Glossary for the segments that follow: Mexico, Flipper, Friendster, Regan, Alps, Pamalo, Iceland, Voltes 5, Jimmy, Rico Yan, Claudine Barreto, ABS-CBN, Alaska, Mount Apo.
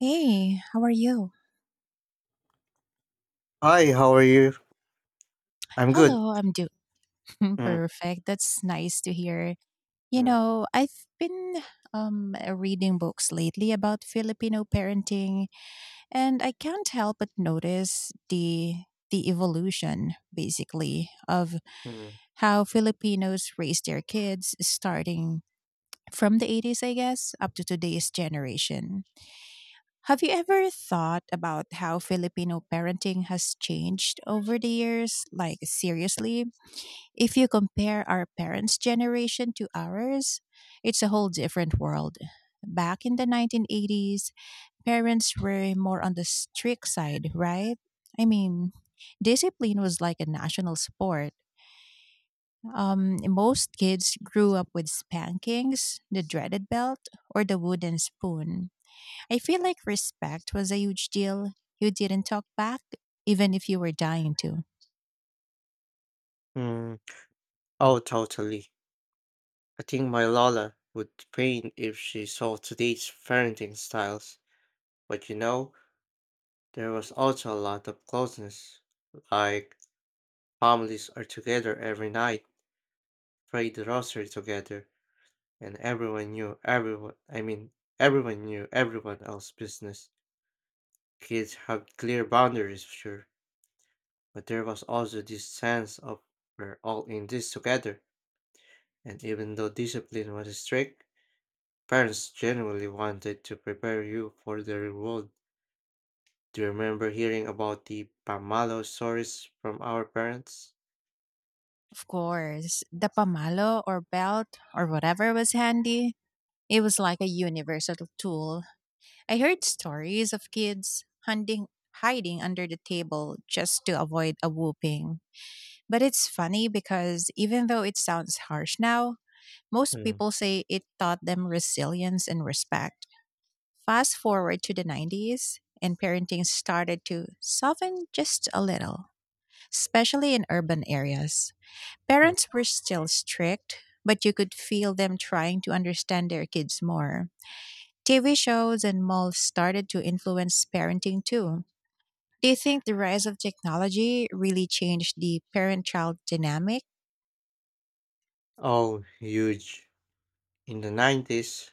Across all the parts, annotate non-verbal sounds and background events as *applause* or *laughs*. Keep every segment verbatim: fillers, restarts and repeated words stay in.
Hey, how are you? Hi, how are you? I'm good. Hello, I'm doing *laughs* Mm, perfect. That's nice to hear. You mm, know, I've been um reading books lately about Filipino parenting, and I can't help but notice the the evolution basically of mm, how Filipinos raise their kids starting from the eighties, I guess, up to today's generation. Have you ever thought about how Filipino parenting has changed over the years? Like, seriously, if you compare our parents' generation to ours, it's a whole different world. Back in the nineteen eighties, parents were more on the strict side, right? I mean, discipline was like a national sport. Um, most kids grew up with spankings, the dreaded belt, or the wooden spoon. I feel like respect was a huge deal. You didn't talk back, even if you were dying to. mm. Oh, totally. I think my Lola would faint if she saw today's parenting styles. But you know, there was also a lot of closeness. Like, families are together every night, pray the rosary together, and everyone knew everyone. I mean, everyone knew everyone else's business. Kids have clear boundaries, sure, but there was also this sense of we're all in this together. And even though discipline was strict, parents generally wanted to prepare you for the real world. Do you remember hearing about the Pamalo stories from our parents? Of course, the pamalo or belt or whatever was handy, it was like a universal tool. I heard stories of kids hunting, hiding under the table just to avoid a whooping. But it's funny because even though it sounds harsh now, most Mm, people say it taught them resilience and respect. Fast forward to the nineties, and parenting started to soften just a little, especially in urban areas. mm. Parents were still strict, but you could feel them trying to understand their kids more. T V shows and malls started to influence parenting too. Do you think the rise of technology really changed the parent child dynamic? Oh, huge. In the nineties,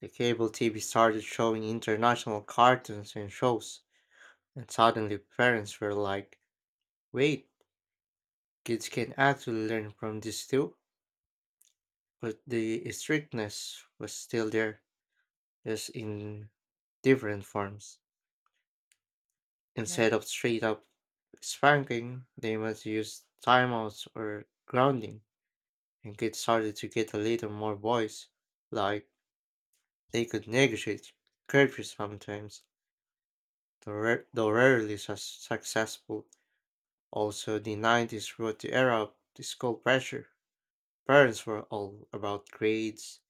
the cable T V started showing international cartoons and shows, and suddenly parents were like, wait, kids can actually learn from this too? But the strictness was still there, just in different forms. Right. Instead of straight up spanking, they must use timeouts or grounding, and kids started to get a little more voice, like they could negotiate curfew sometimes, though ra- though rarely su- successful. Also, the nineties brought the era of the school pressure. Parents were all about grades,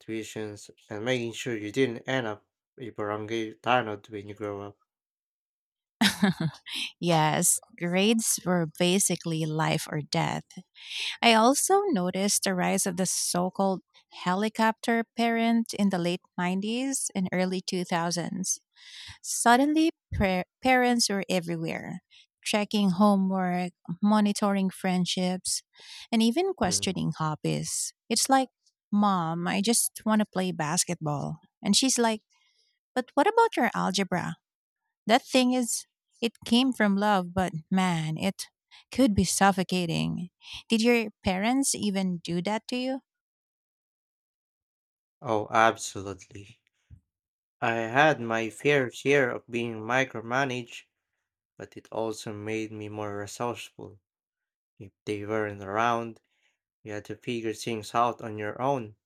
tuitions, and making sure you didn't end up a barangay tanod when you grow up. Yes, grades were basically life or death. I also noticed the rise of the so called helicopter parent in the late nineties and early two thousands. Suddenly, par- parents are everywhere, checking homework, monitoring friendships, and even Mm. questioning hobbies. It's like, Mom, I just want to play basketball. And she's like, But what about your algebra? That thing is, it came from love, but man, it could be suffocating. Did your parents even do that to you? Oh, absolutely. I had my fair share of being micromanaged, but it also made me more resourceful. If they weren't around, you had to figure things out on your own.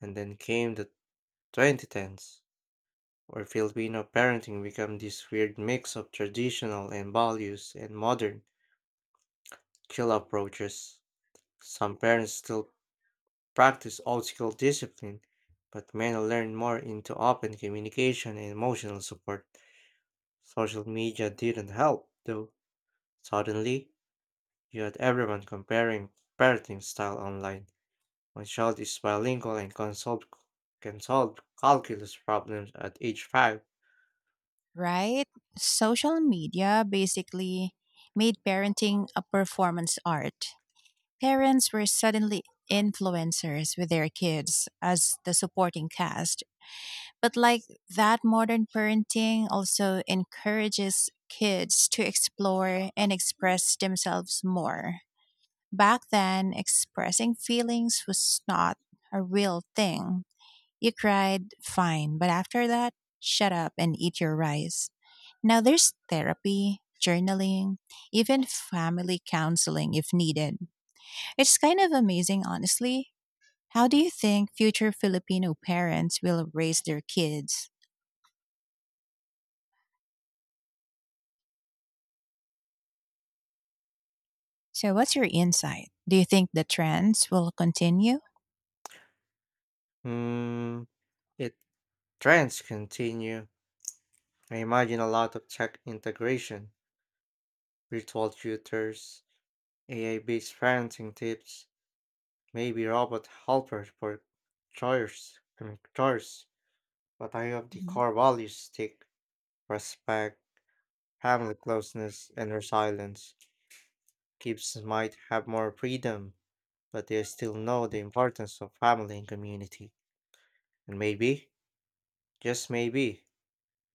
And then came the twenty tens, where Filipino parenting became this weird mix of traditional and values and modern skill approaches. Some parents still practice old school discipline, but many learn more into open communication and emotional support. Social media didn't help, though. Suddenly, you had everyone comparing parenting style online. My child is bilingual and can solve, can solve calculus problems at age five. Right? Social media basically made parenting a performance art. Parents were suddenly influencers with their kids as the supporting cast. But like that, modern parenting also encourages kids to explore and express themselves more. Back then, expressing feelings was not a real thing. You cried, fine, but after that, shut up and eat your rice. Now there's therapy, journaling, even family counseling if needed. It's kind of amazing, honestly. How do you think future Filipino parents will raise their kids? So, what's your insight? Do you think the trends will continue? Hmm, if trends continue, I imagine a lot of tech integration, virtual tutors, A I-based parenting tips, maybe robot helpers for chores, I mean, chores. But I hope the Mhm. core values stick, respect, family closeness, and resilience. Kids might have more freedom, but they still know the importance of family and community. And maybe, just maybe,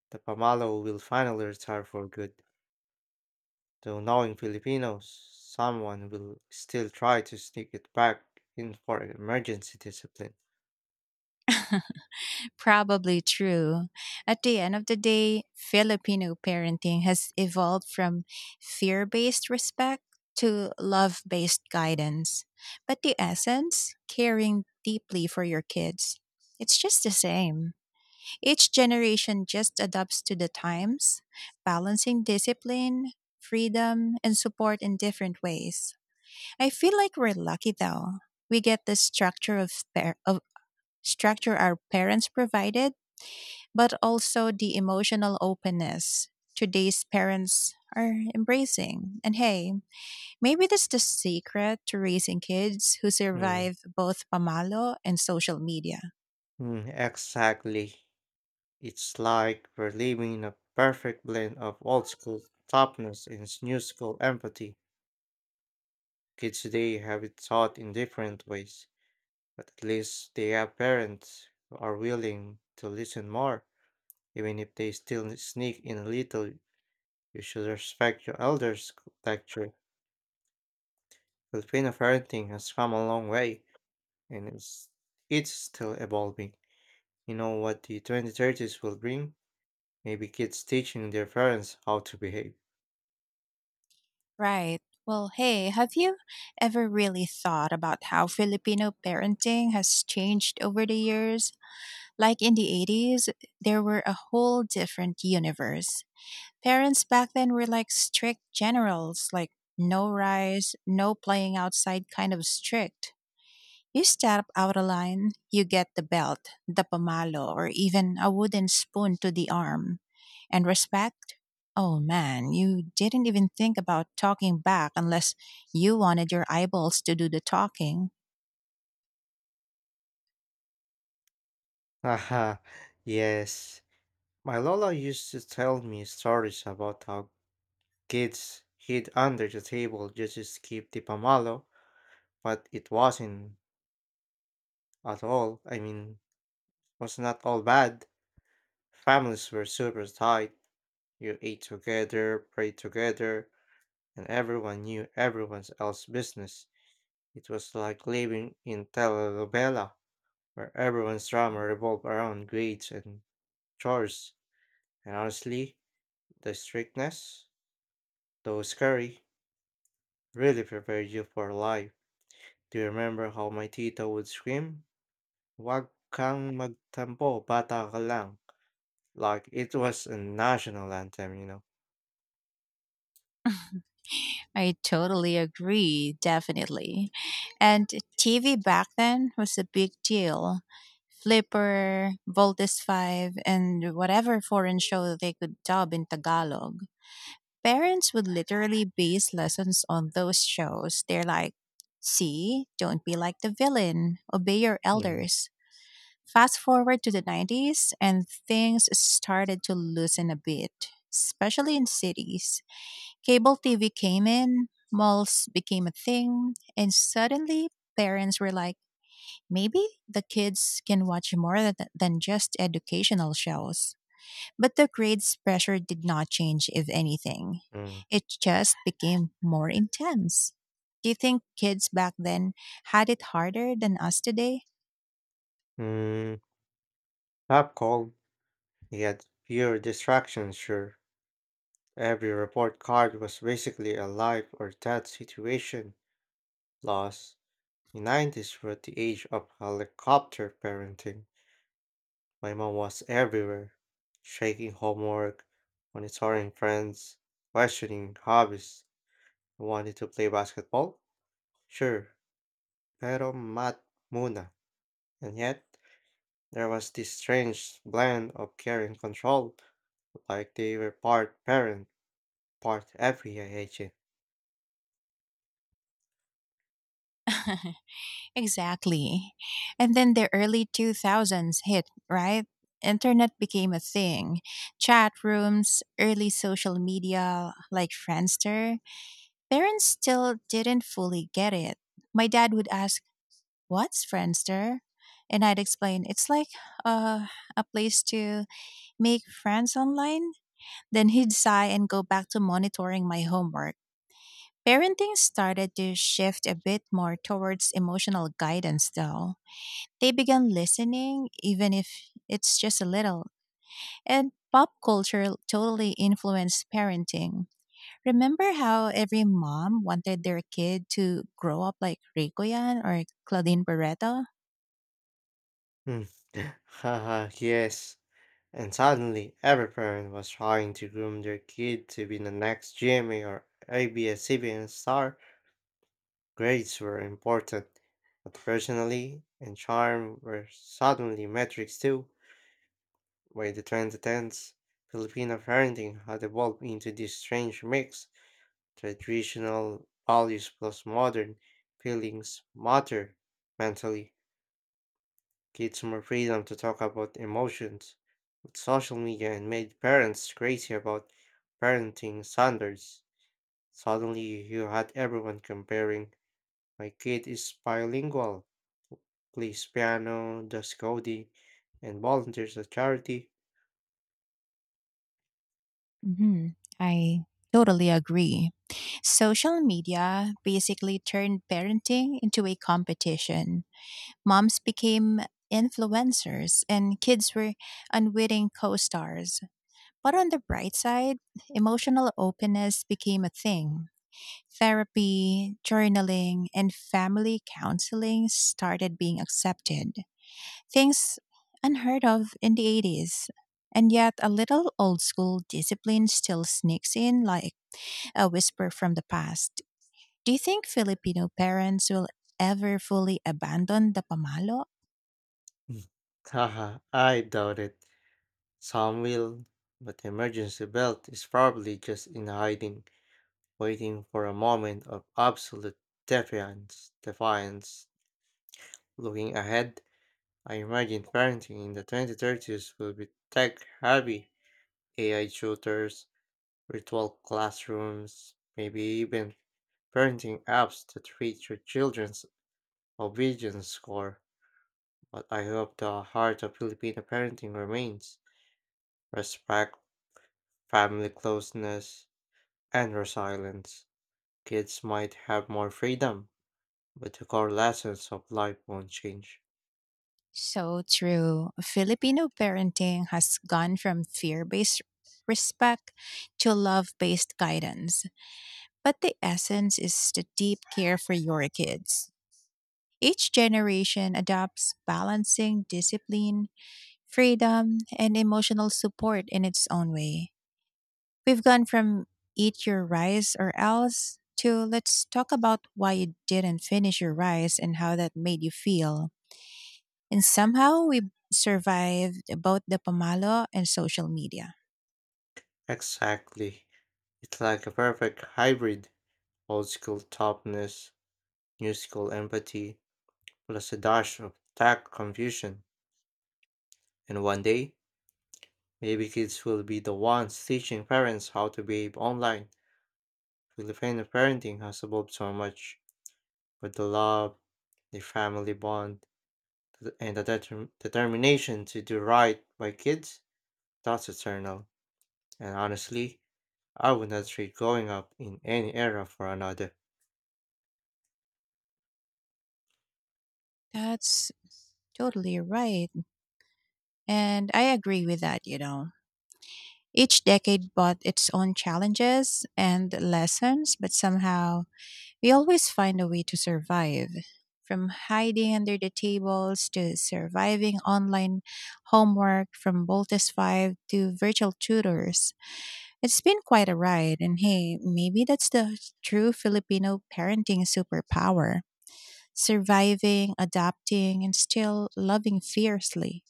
the Pamalo will finally retire for good. Though knowing Filipinos, someone will still try to sneak it back in for emergency discipline. Probably true. At the end of the day, Filipino parenting has evolved from fear based respect to love based guidance. But the essence, caring deeply for your kids, it's just the same. Each generation just adapts to the times, balancing discipline, freedom, and support in different ways. I feel like we're lucky though. We get the structure of, par- of structure our parents provided, but also the emotional openness today's parents are embracing. And hey, maybe that's the secret to raising kids who Mm, survive both pamalo and social media. mm, exactly. It's like we're living in a perfect blend of old school toughness and new school empathy. Kids today have it taught in different ways. But at least they have parents who are willing to listen more, even if they still sneak in a little. You should respect your elders' culture. Filipino parenting has come a long way, and it's, it's still evolving. You know what the twenty thirties will bring? Maybe kids teaching their parents how to behave. Right. Well, hey, have you ever really thought about how Filipino parenting has changed over the years? Like in the eighties, there were a whole different universe. Parents back then were like strict generals, like no rice, no playing outside kind of strict. You step out of line, you get the belt, the pamalo, or even a wooden spoon to the arm. And respect? Oh man, you didn't even think about talking back unless you wanted your eyeballs to do the talking. *laughs* Haha, yes. My Lola used to tell me stories about how kids hid under the table just to skip the pamalo, but it wasn't at all, I mean, was not all bad. Families were super tight. You ate together, prayed together, and everyone knew everyone else's business. It was like living in telenovela, where everyone's drama revolved around grades and chores. And honestly, the strictness, though scary, really prepared you for life. Do you remember how my tita would scream? Wag kang magtampo, bata ka lang. Like it was a national anthem, you know. *laughs* I totally agree, definitely. And T V back then was a big deal. Flipper, Voltes five, and whatever foreign show they could dub in Tagalog. Parents would literally base lessons on those shows. They're like, see, don't be like the villain, obey your Mm. elders. Fast forward to the nineties, and things started to loosen a bit, especially in cities. Cable T V came in, malls became a thing, and suddenly parents were like, maybe the kids can watch more th- than just educational shows. But the grades pressure did not change, if anything. Mm. It just became more intense. Do you think kids back then had it harder than us today? Mm. Pop called. He had fewer distractions, sure. Every report card was basically a life or death situation. Loss. The nineties were the age of helicopter parenting. My mom was everywhere, shaking homework, monitoring friends, questioning hobbies. I wanted to play basketball? Sure, pero mat muna. And yet? There was this strange blend of care and control, like they were part parent, part F B I agent. *laughs* Exactly. And then the early two thousands hit, right? Internet became a thing. Chat rooms, early social media like Friendster. Parents still didn't fully get it. My dad would ask, What's Friendster? And I'd explain, It's like uh, a place to make friends online. Then he'd sigh and go back to monitoring my homework. Parenting started to shift a bit more towards emotional guidance, though. They began listening, even if it's just a little. And pop culture totally influenced parenting. Remember how every mom wanted their kid to grow up like Rico Yan or Claudine Barreto? Hmm. *laughs* Haha, yes. And suddenly, every parent was trying to groom their kid to be the next Jimmy or A B S-C B N star. Grades were important, but personality and charm were suddenly metrics too. By the two thousand tens, Filipino parenting had evolved into this strange mix. Traditional values plus modern feelings matter mentally, kids more freedom to talk about emotions. With social media and made parents crazy about parenting standards. Suddenly you had everyone comparing my kid is bilingual, plays piano, does coding, and volunteers at charity. hmm I totally agree. Social media basically turned parenting into a competition. Moms became influencers and kids were unwitting co stars. But on the bright side, emotional openness became a thing. Therapy, journaling, and family counseling started being accepted. Things unheard of in the eighties. And yet, a little old school discipline still sneaks in like a whisper from the past. Do you think Filipino parents will ever fully abandon the pamalo? Mm. *laughs* Haha, I doubt it. Some will, but the emergency belt is probably just in hiding, waiting for a moment of absolute defiance. Defiance. Looking ahead, I imagine parenting in the twenty thirties will be tech heavy, A I tutors, virtual classrooms, maybe even parenting apps that treat your children's obedience score. But I hope the heart of Filipino parenting remains respect, family closeness, and resilience. Kids might have more freedom, but the core lessons of life won't change. So true. Filipino parenting has gone from fear based respect to love based guidance. But the essence is the deep care for your kids. Each generation adopts balancing discipline freedom, and emotional support in its own way. We've gone from eat your rice or else to let's talk about why you didn't finish your rice and how that made you feel. And somehow we survived both the pamalo and social media. Exactly. It's like a perfect hybrid old school toughness, new school empathy, plus a dash of tech confusion. And one day, maybe kids will be the ones teaching parents how to behave online. Filipino parenting has evolved so much, but the love, the family bond, th- and the determ- determination to do right by kids, that's eternal. And honestly, I would not trade growing up in any era for another. That's totally right. And I agree with that, you know. Each decade brought its own challenges and lessons, but somehow we always find a way to survive. From hiding under the tables to surviving online homework, from Boltus five to virtual tutors. It's been quite a ride, and hey, maybe that's the true Filipino parenting superpower surviving, adapting, and still loving fiercely.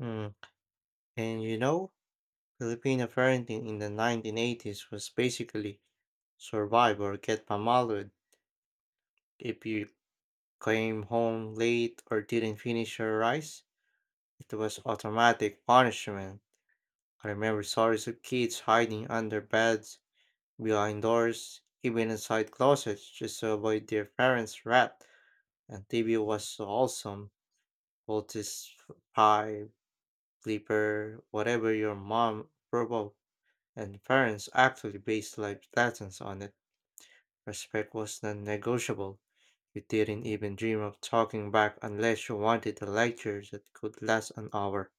Mm. And you know, Filipino parenting in the nineteen eighties was basically survive or get mamalud. If you came home late or didn't finish your rice, it was automatic punishment. I remember stories of kids hiding under beds, behind doors, even inside closets just to avoid their parents' wrath. And T V was so awesome. All this sleeper, whatever your mom, verbal, and parents actually based life lessons on it. Respect was non negotiable. You didn't even dream of talking back unless you wanted a lecture that could last an hour.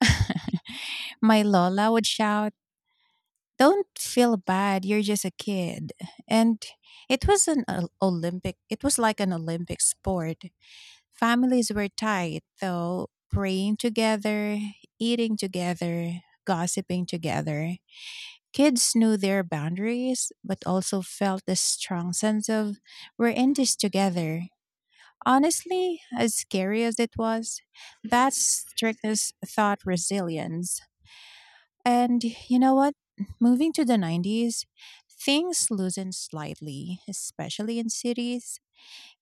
*laughs* My Lola would shout, Don't feel bad, you're just a kid. And it was an Ol- Olympic, it was like an Olympic sport. Families were tight, though, praying together, eating together, gossiping together. Kids knew their boundaries, but also felt a strong sense of, We're in this together. Honestly, as scary as it was, that strictness taught resilience. And you know what? Moving to the nineties, things loosened slightly, especially in cities.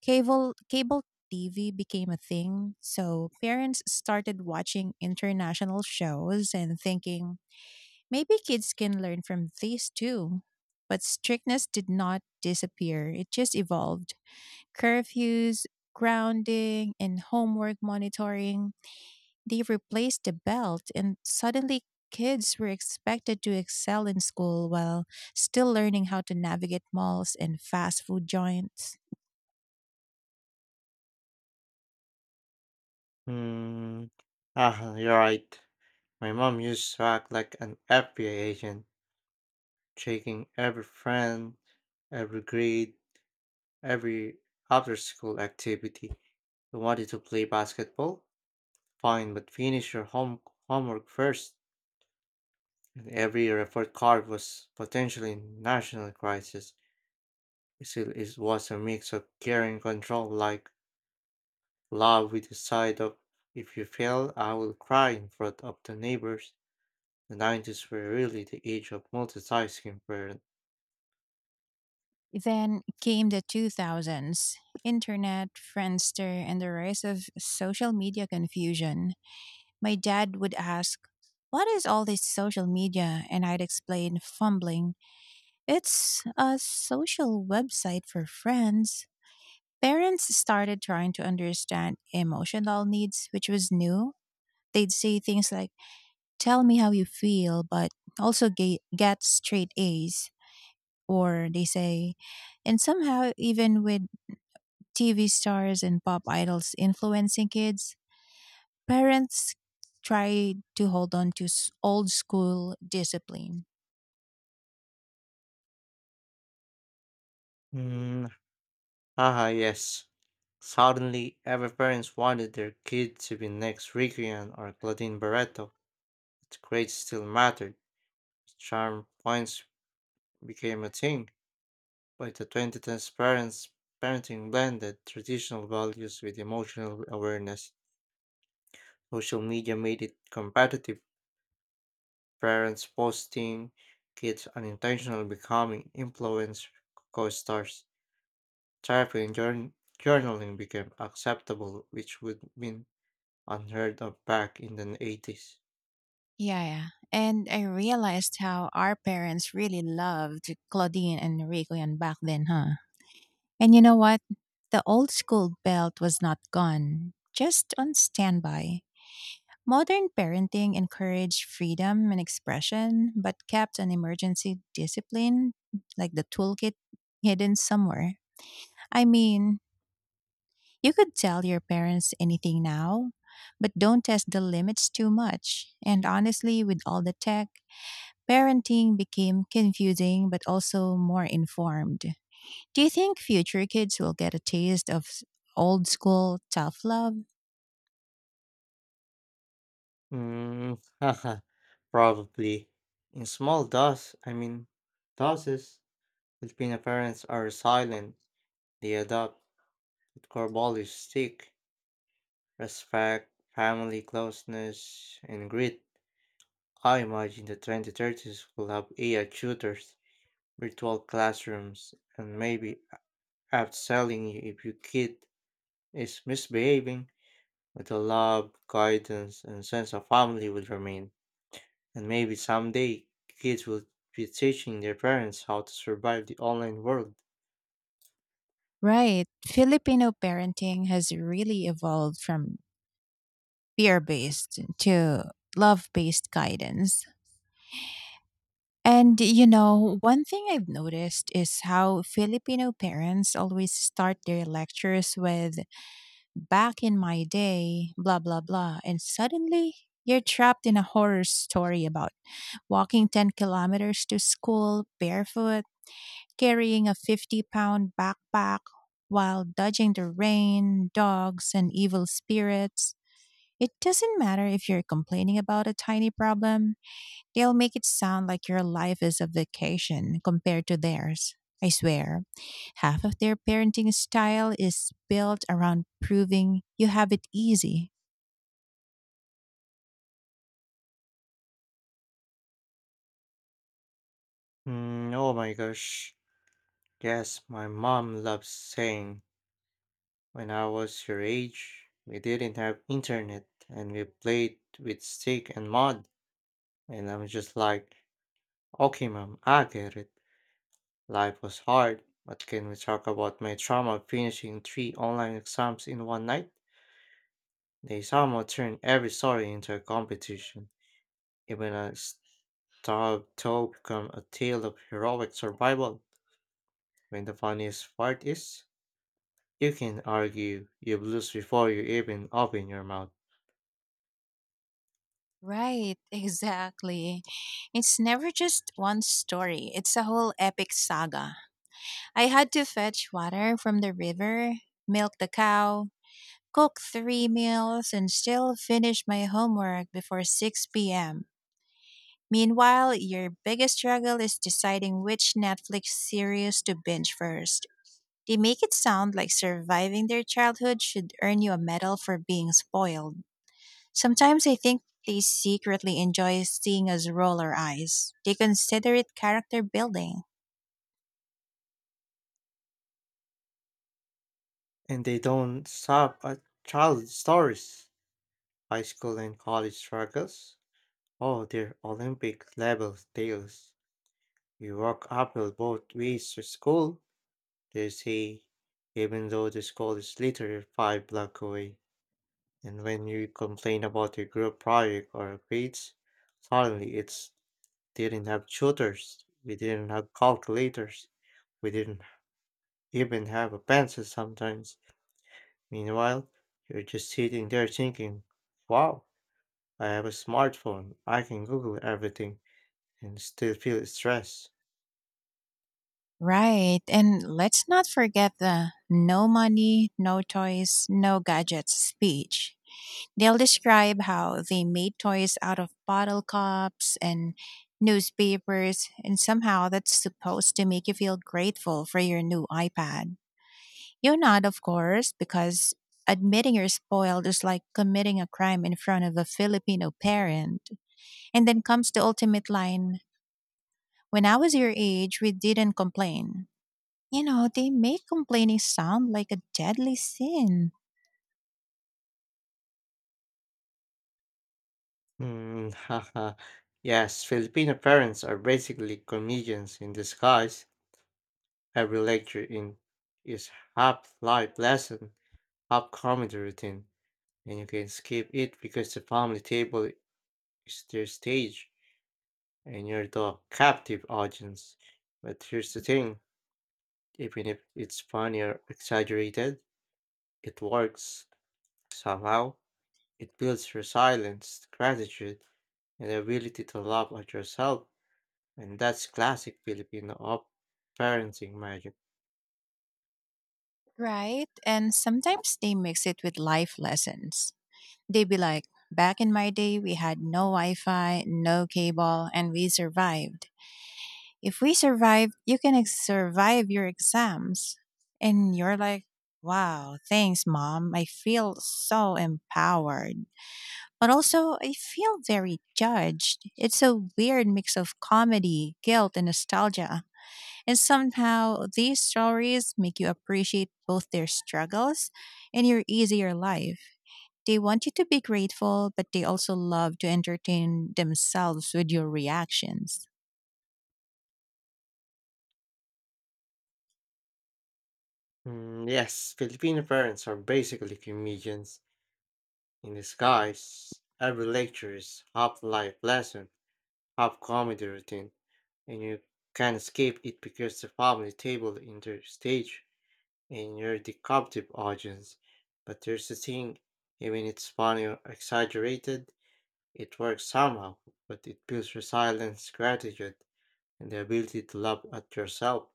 Cable cable T V became a thing, so parents started watching international shows and thinking maybe kids can learn from these too. But strictness did not disappear. It just evolved. Curfews, grounding, and homework monitoring they replaced the belt, and suddenly kids were expected to excel in school while still learning how to navigate malls and fast food joints. Hmm. Ah, you're right. My mom used to act like an F B I agent, checking every friend, every grade, every after school activity. You wanted to play basketball? Fine, but finish your home homework first. And every report card was potentially national crisis. It still is, was a mix of care and control, like love with the side of if you fail, I will cry in front of the neighbors. The nineties were really the age of multitasking parents. Then came the two thousands, internet, Friendster, and the rise of social media confusion. My dad would ask, What is all this social media? And I'd explain, fumbling, It's a social website for friends. Parents started trying to understand emotional needs, which was new. They'd say things like, Tell me how you feel, but also ga- get straight A's. Or they say, and somehow, even with T V stars and pop idols influencing kids. Parents try to hold on to s- old school discipline. Mm, haha, yes. Suddenly, every parents wanted their kid to be next Regan or Claudine Barreto. Its grades still mattered. Charm points became a thing. By the twenty tens, parents parenting blended traditional values with emotional awareness. Social media made it competitive. Parents posting, kids unintentionally becoming influence co-stars. Therapy and journ- journaling became acceptable, which would have been unheard of back in the eighties. Yeah, yeah. And I realized how our parents really loved Claudine and Rico and back then, huh? And you know what? The old school belt was not gone, just on standby. Modern parenting encouraged freedom and expression, but kept an emergency discipline, like the toolkit, hidden somewhere. I mean, you could tell your parents anything now, but don't test the limits too much. And honestly, with all the tech, parenting became confusing but also more informed. Do you think future kids will get a taste of s- old school tough love? Mm, *laughs* haha, probably. In small doses, I mean, doses, Filipino parents are silent. They adopt with Corvallis stick, respect, family closeness, and grit, I imagine the twenty thirties will have A I tutors, virtual classrooms, and maybe outselling you if your kid is misbehaving, but the love, guidance, and sense of family will remain. And maybe someday kids will be teaching their parents how to survive the online world. Right. Filipino parenting has really evolved from fear based to love based guidance. And you know, one thing I've noticed is how Filipino parents always start their lectures with, back in my day, blah, blah, blah. And suddenly you're trapped in a horror story about walking ten kilometers to school barefoot, carrying a fifty pound backpack while dodging the rain, dogs, and evil spirits. It doesn't matter if you're complaining about a tiny problem. They'll make it sound like your life is a vacation compared to theirs. I swear, half of their parenting style is built around proving you have it easy. Mm, oh my gosh. Yes, my mom loves saying when I was your age, we didn't have internet and we played with stick and mud. And I'm just like, okay, mom, I get it. Life was hard, but can we talk about my trauma of finishing three online exams in one night? They somehow turned every story into a competition. Even a starved toe become a tale of heroic survival. When the funniest part is, you can argue you lose before you even open your mouth. Right, *laughs* exactly. It's never just one story, it's a whole epic saga. I had to fetch water from the river, milk the cow, cook three meals, and still finish my homework before six p m. Meanwhile, your biggest struggle is deciding which Netflix series to binge first. They make it sound like surviving their childhood should earn you a medal for being spoiled. Sometimes I think they secretly enjoy seeing us roll our eyes. They consider it character building. And they don't stop at childhood stories, high school and college struggles. Oh, their Olympic level tales. You walk uphill both ways to school, they say, even though the school is literally five blocks away. And when you complain about your group project or grades, suddenly it's didn't have tutors, we didn't have calculators, we didn't even have a pencil sometimes. Meanwhile, you're just sitting there thinking, wow, I have a smartphone, I can Google everything and still feel stressed. Right, and let's not forget the no money, no toys, no gadgets speech. They'll describe how they made toys out of bottle cups and newspapers, and somehow that's supposed to make you feel grateful for your new iPad. You're not, of course, because admitting you're spoiled is like committing a crime in front of a Filipino parent. And then comes the ultimate line: When I was your age, we didn't complain. You know, they make complaining sound like a deadly sin. Hmm, *laughs* haha. Yes, Filipino parents are basically comedians in disguise. Every lecture in is half life lesson, half comedy routine, and you can skip it because the family table is their stage and you're the captive audience. But here's the thing, even if it's funny or exaggerated, it works somehow. It builds resilience, gratitude, and the ability to laugh at yourself. And that's classic Filipino of parenting magic. Right? And sometimes they mix it with life lessons. They be like, back in my day, we had no Wi Fi, no cable, and we survived. If we survive, you can ex- survive your exams. And you're like, wow, thanks, mom. I feel so empowered. But also, I feel very judged. It's a weird mix of comedy, guilt, and nostalgia. And somehow, these stories make you appreciate both their struggles and your easier life. They want you to be grateful, but they also love to entertain themselves with your reactions. Mm, yes, Filipino parents are basically comedians in disguise. Every lecture is half life lesson, half comedy routine, and you can't escape it because the family table enters stage. And you're the captive audience. But here's the thing, even it's funny or exaggerated, it works somehow, but it builds resilience, gratitude, and the ability to laugh at yourself.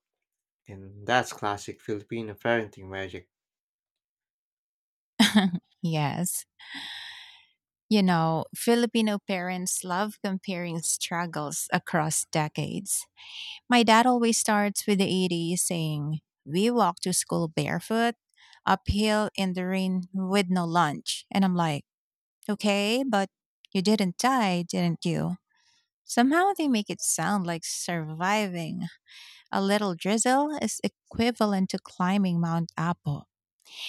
And that's classic Filipino parenting magic. *laughs* Yes. You know, Filipino parents love comparing struggles across decades. My dad always starts with the eighties saying, We walked to school barefoot, uphill in the rain with no lunch. And I'm like, Okay, but you didn't die, didn't you? Somehow they make it sound like surviving a little drizzle is equivalent to climbing Mount Apo.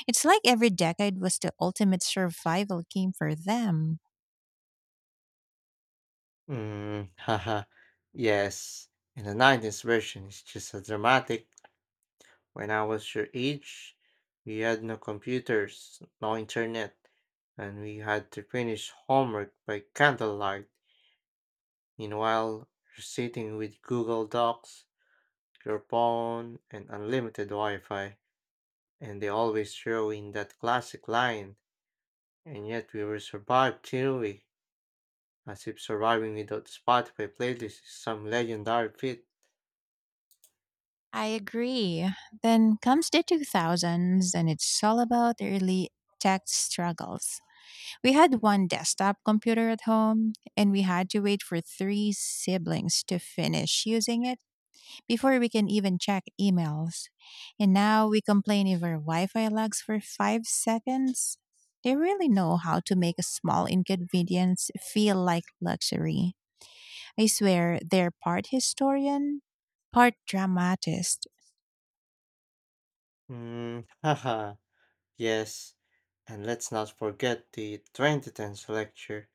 It's like every decade was the ultimate survival game for them. Mm, *laughs* haha. Yes. And the nineties version is just as dramatic. When I was your age, we had no computers, no internet, and we had to finish homework by candlelight. Meanwhile, you're sitting with Google Docs, your phone, and unlimited Wi Fi, and they always throw in that classic line, and yet we will survive, till we? As if surviving without Spotify playlist is some legendary feat. I agree. Then comes the two thousands, and it's all about early tech struggles. We had one desktop computer at home, and we had to wait for three siblings to finish using it before we can even check emails. And now we complain if our Wi Fi lags for five seconds. They really know how to make a small inconvenience feel like luxury. I swear, they're part historian, part dramatist. Mm, *laughs* haha, yes. And let's not forget the twenty tens lecture.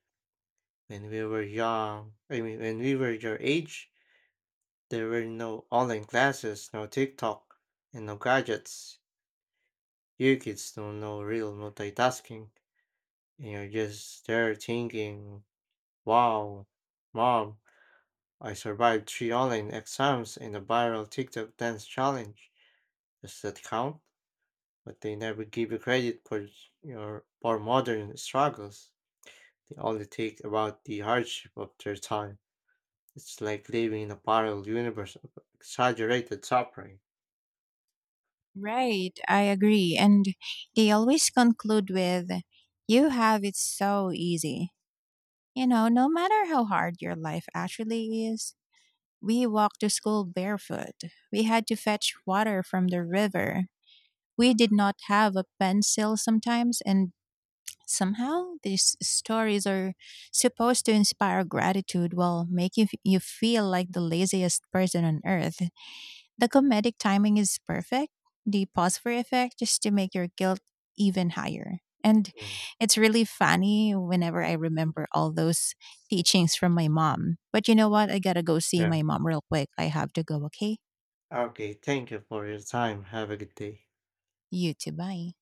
When we were young, I mean, when we were your age, there were no online classes, no TikTok, and no gadgets. You kids don't know real multitasking, and you're just there thinking, wow, mom, I survived three online exams and a viral TikTok dance challenge. Does that count? But they never give you credit for your for modern struggles. They only take about the hardship of their time. It's like living in a parallel universe of exaggerated suffering. Right, I agree. And they always conclude with, You have it so easy. You know, no matter how hard your life actually is, we walked to school barefoot. We had to fetch water from the river. We did not have a pencil sometimes, and somehow these stories are supposed to inspire gratitude while making you feel like the laziest person on earth. The comedic timing is perfect. The pause for effect just to make your guilt even higher. And Mm. it's really funny whenever I remember all those teachings from my mom. But you know what? I gotta go see Yeah. my mom real quick. I have to go, okay? Okay, thank you for your time. Have a good day. You too. Bye.